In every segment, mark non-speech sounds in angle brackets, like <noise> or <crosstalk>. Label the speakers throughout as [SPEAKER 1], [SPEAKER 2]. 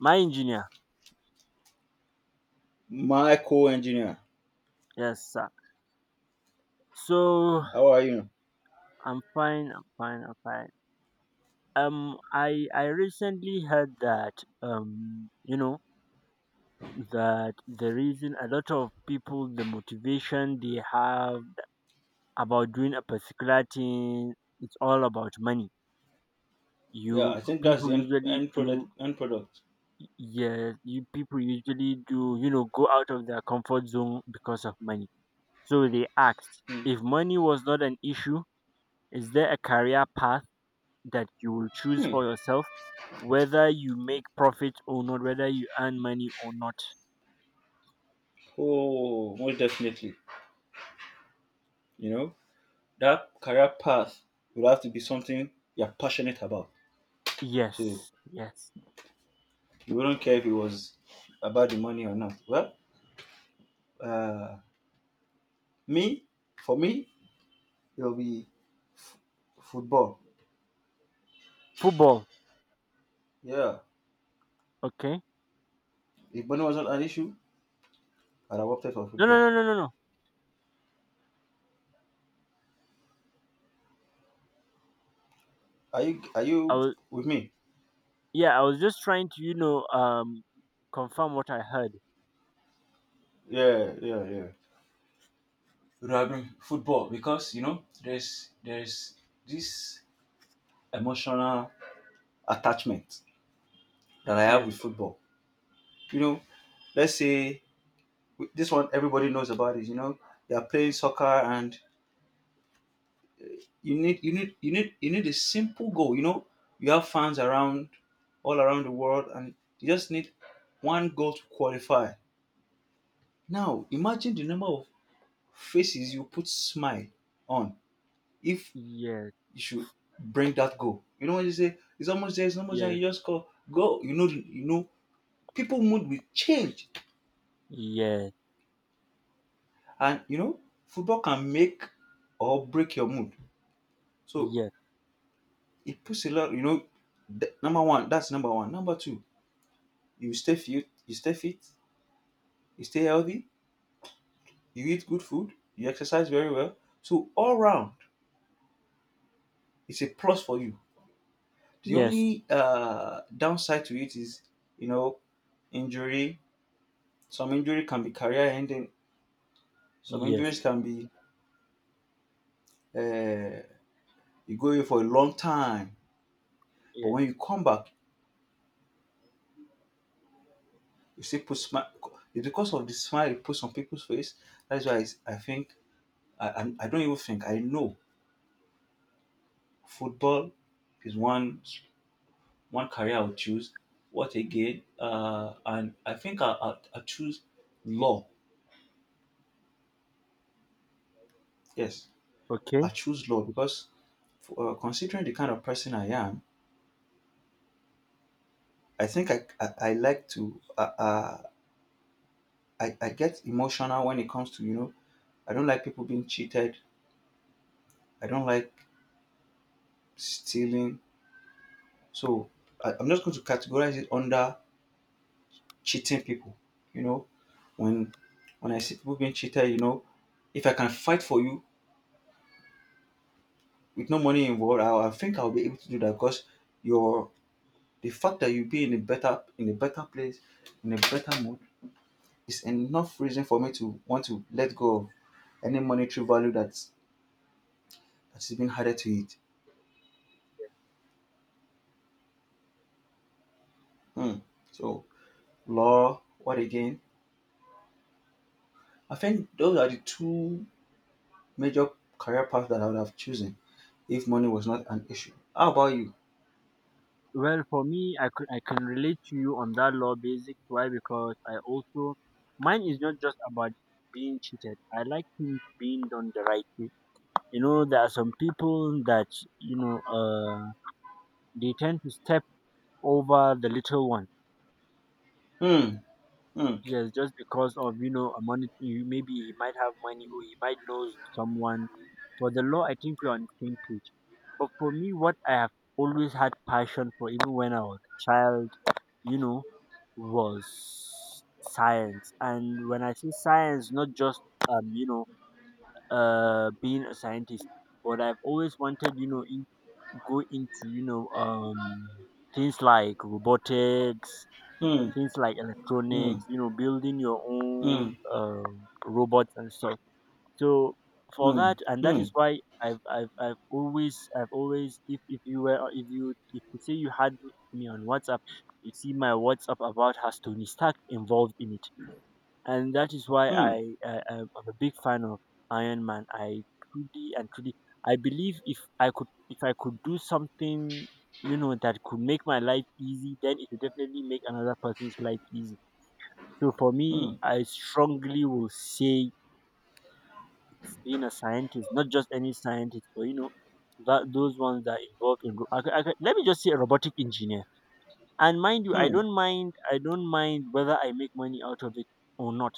[SPEAKER 1] My engineer,
[SPEAKER 2] My co-engineer.
[SPEAKER 1] yes sir. So
[SPEAKER 2] How are you?
[SPEAKER 1] I'm fine, I'm fine, I'm fine. I recently heard that um you know that the reason a lot of people the motivation they have about doing a particular thing, it's all about money.
[SPEAKER 2] Yeah,
[SPEAKER 1] You
[SPEAKER 2] I think that's
[SPEAKER 1] people
[SPEAKER 2] the end,
[SPEAKER 1] usually
[SPEAKER 2] end
[SPEAKER 1] do,
[SPEAKER 2] product. End product.
[SPEAKER 1] yes, you people usually do, you know, go out of their comfort zone because of money. So they asked,
[SPEAKER 2] Hmm.
[SPEAKER 1] if money was not an issue, is there a career path that you will choose
[SPEAKER 2] Hmm.
[SPEAKER 1] for yourself, whether you make profit or not, whether you earn money or not?
[SPEAKER 2] Oh, most definitely. You know that career path will have to be something you're passionate about. So
[SPEAKER 1] Yes, yes.
[SPEAKER 2] you wouldn't care if it was about the money or not. Well, uh, me, for me, it'll be football.
[SPEAKER 1] Football.
[SPEAKER 2] Yeah.
[SPEAKER 1] Okay.
[SPEAKER 2] If money was not an issue, I'd have opted for
[SPEAKER 1] No, no,
[SPEAKER 2] football.
[SPEAKER 1] no, no, no, no.
[SPEAKER 2] Are you? Are
[SPEAKER 1] I
[SPEAKER 2] you
[SPEAKER 1] was,
[SPEAKER 2] with me?
[SPEAKER 1] yeah. I was just trying to confirm what I heard.
[SPEAKER 2] Yeah. Yeah. Yeah. Rugby, football, because you know there's this emotional attachment that I have
[SPEAKER 1] Yes,
[SPEAKER 2] with football. You know, let's say this one everybody knows about it. You know, they are playing soccer and you need a simple goal. You know, you have fans around all around the world and you just need one goal to qualify. Now imagine the number of faces you put smile on if
[SPEAKER 1] yes,
[SPEAKER 2] you should bring that goal. You know when you say it's almost there,
[SPEAKER 1] yes,
[SPEAKER 2] you just call go. You know, people mood will change,
[SPEAKER 1] yes,
[SPEAKER 2] and you know, football can make or break your mood. So
[SPEAKER 1] yes,
[SPEAKER 2] it puts a lot. You know, number one, that's number one. Number two, you stay fit, you stay healthy, you eat good food, you exercise very well. So all round, it's a plus for you. The
[SPEAKER 1] yes,
[SPEAKER 2] only downside to it is, you know, injury. Some injury can be career ending. Some
[SPEAKER 1] yes,
[SPEAKER 2] injuries can be uh, you go away for a long time, but
[SPEAKER 1] yes.
[SPEAKER 2] when you come back, you still put smile. It's because of the smile you put on people's face. That's why I think I don't even think I know football is one career I'll choose. What again? And I think I choose law. Yes,
[SPEAKER 1] Okay.
[SPEAKER 2] I choose law because for, considering the kind of person I am, I think I like to I get emotional when it comes to, you know, I don't like people being cheated. I don't like stealing. So I'm just going to categorize it under cheating people. You know, when when I see people being cheated, you know, if I can fight for you with no money involved, I think I'll be able to do that because your the fact that you be in a better place, in a better mood, is enough reason for me to want to let go of any monetary value that's been added to it. Hmm. So law, what again? I think those are the two major career paths that I would have chosen if money was not an issue. How about you?
[SPEAKER 1] Well, for me, I could I can relate to you on that law basics. Why? Because I also, mine is not just about being cheated. I like things being done the right way. You know, there are some people that, you know uh they tend to step over the little one.
[SPEAKER 2] Hmm. Hmm.
[SPEAKER 1] Yes, just because of, you know, a money. You maybe he might have money or he might know someone. For the law, I think we're on the same page. But for me, what I have always had passion for, even when I was a child, you know, was science. And when I say science, not just you know, being a scientist, but I've always wanted, you know, in, go into, you know, things like robotics,
[SPEAKER 2] Hmm.
[SPEAKER 1] things like
[SPEAKER 2] Hmm.
[SPEAKER 1] electronics, you know, building your
[SPEAKER 2] Hmm.
[SPEAKER 1] own robots and stuff. So for
[SPEAKER 2] Hmm. Hmm.
[SPEAKER 1] that, and that
[SPEAKER 2] Hmm.
[SPEAKER 1] is why I've always if you were if you say you had me on WhatsApp, you see my WhatsApp about has Tony Stark involved in it, and that is why
[SPEAKER 2] Hmm.
[SPEAKER 1] I I'm a big fan of Iron Man. I truly and truly, I believe if I could, if I could do something, you know, that could make my life easy, then it would definitely make another person's life easy. So for me, I strongly will say being a scientist, not just any scientist, but you know, that those ones that involve in. Let me just say a robotic engineer. And mind you,
[SPEAKER 2] Hmm.
[SPEAKER 1] I
[SPEAKER 2] Hmm.
[SPEAKER 1] don't mind. I don't mind whether I make money out of it or not.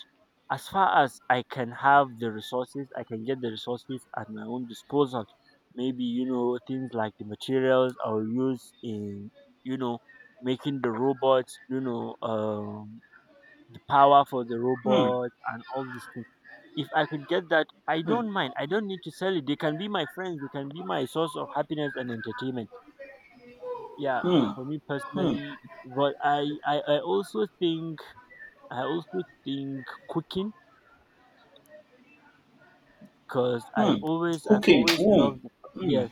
[SPEAKER 1] As far as I can have the resources, I can get the resources at my own disposal. Maybe, you know, things like the materials I'll use in, you know, making the robots. You know, the power for the robot and all these things, if I could get that, I don't mind. I don't need to sell it. They can be my friends. They can be my source of happiness and entertainment. Yeah,
[SPEAKER 2] Hmm. Hmm.
[SPEAKER 1] for me
[SPEAKER 2] Hmm.
[SPEAKER 1] personally, but I also think I also think cooking because
[SPEAKER 2] Hmm.
[SPEAKER 1] I've always I've
[SPEAKER 2] Cooking.
[SPEAKER 1] always
[SPEAKER 2] Hmm.
[SPEAKER 1] loved the,
[SPEAKER 2] Hmm.
[SPEAKER 1] yes,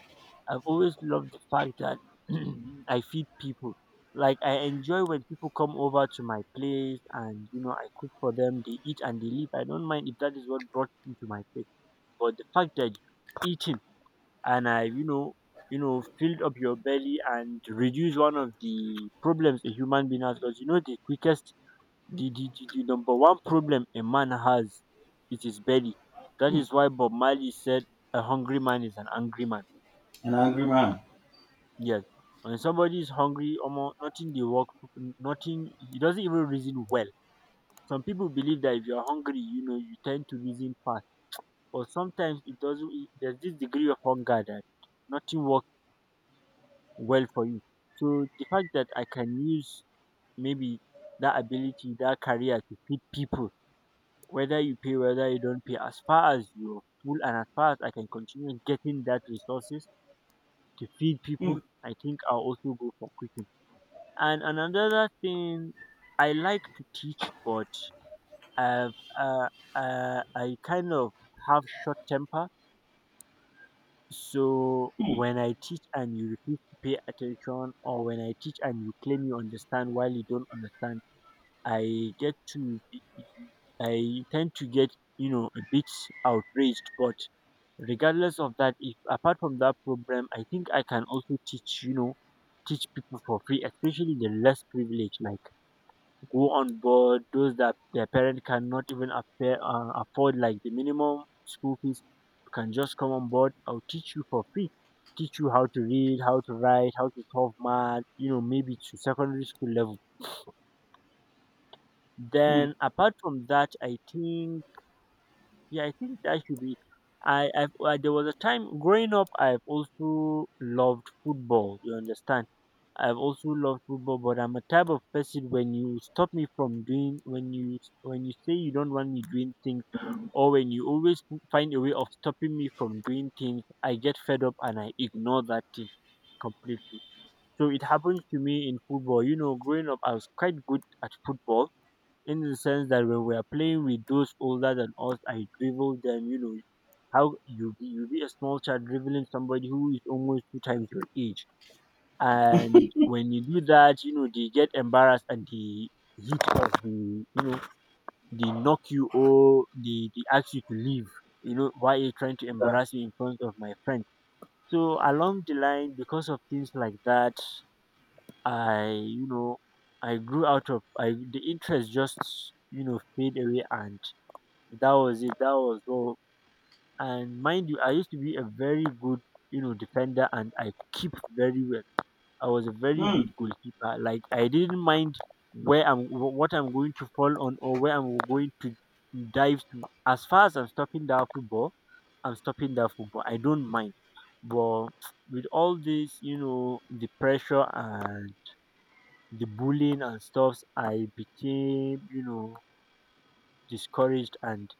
[SPEAKER 1] I've always loved the fact that <clears throat> I feed people. Like I enjoy when people come over to my place and you know I cook for them. They eat and they leave. I don't mind if that is what brought you to my place. But the fact that you eating and I, you know, you know filled up your belly and reduce one of the problems a human being has, because you know, the quickest, the number one problem a man has is his belly. That
[SPEAKER 2] Hmm.
[SPEAKER 1] is why Bob Marley said, a hungry man is an angry man.
[SPEAKER 2] An angry man.
[SPEAKER 1] Yes, when somebody is hungry, almost nothing they work, nothing, he doesn't even reason well. Some people believe that if you're hungry, you know, you tend to reason fast, but sometimes it doesn't, there's this degree of hunger that nothing works well for you. So the fact that I can use maybe that ability, that career to feed people, whether you pay, whether you don't pay, as far as you're full and as far as I can continue getting that resources to feed
[SPEAKER 2] Hmm.
[SPEAKER 1] people, I think I'll also go for cooking. And another thing, I like to teach, but I've, uh, I kind of have short temper. So
[SPEAKER 2] Hmm.
[SPEAKER 1] when I teach and you refuse to pay attention, or when I teach and you claim you understand while you don't understand, I get to, be- I tend to get, you know, a bit outraged. But regardless of that, if apart from that problem, I think I can also teach, you know, teach people for free, especially the less privileged, like go on board, those that their parent cannot even afford, like the minimum school fees, you can just come on board. I'll teach you for free. Teach you how to read, how to write, how to solve math, you know, maybe to secondary school level.
[SPEAKER 2] Hmm.
[SPEAKER 1] Then, apart from that, I think yeah, I think that should be. I've, there was a time growing up, I've also loved football. You understand? I've also loved football, but I'm a type of person, when you stop me from doing, when you say you don't want me doing things, or when you always find a way of stopping me from doing things, I get fed up and I ignore that thing completely. So it happened to me in football. You know, growing up, I was quite good at football in the sense that when we are playing with those older than us, I dribble them. You know how you be a small child dribbling somebody who is almost 2 times your age, and when you do that, you know they get embarrassed and they hit us. They, you know, they knock you, or they ask you to leave. You know, why are you trying to
[SPEAKER 2] Yeah.
[SPEAKER 1] embarrass me in front of my friend? So along the line, because of things like that, I, you know, I grew out of I the interest just, you know, fade away, and that was it. That was all. And mind you, I used to be a very good, you know, defender, and I keep very well. I was a very
[SPEAKER 2] Hmm.
[SPEAKER 1] good goalkeeper. Like I didn't mind where I'm, what I'm going to fall on, or where I'm going to dive to. As far as I'm stopping that football, I'm stopping that football. I don't mind. But with all this, you know, the pressure and the bullying and stuffs, I became, you know, discouraged, and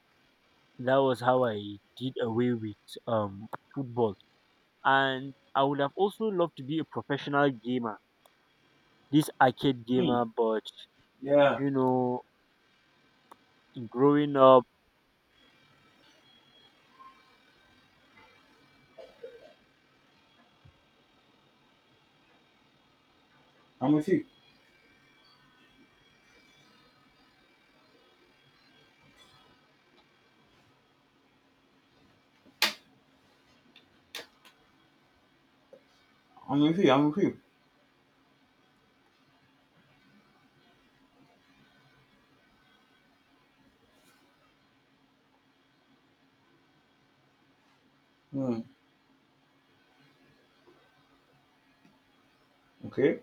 [SPEAKER 1] that was how I did away with um football. And I would have also loved to be a professional gamer, this arcade
[SPEAKER 2] Hmm.
[SPEAKER 1] gamer, but
[SPEAKER 2] Yeah.
[SPEAKER 1] you know, growing up
[SPEAKER 2] I'm with you. I'm with you. I'm with you. Hmm. Okay.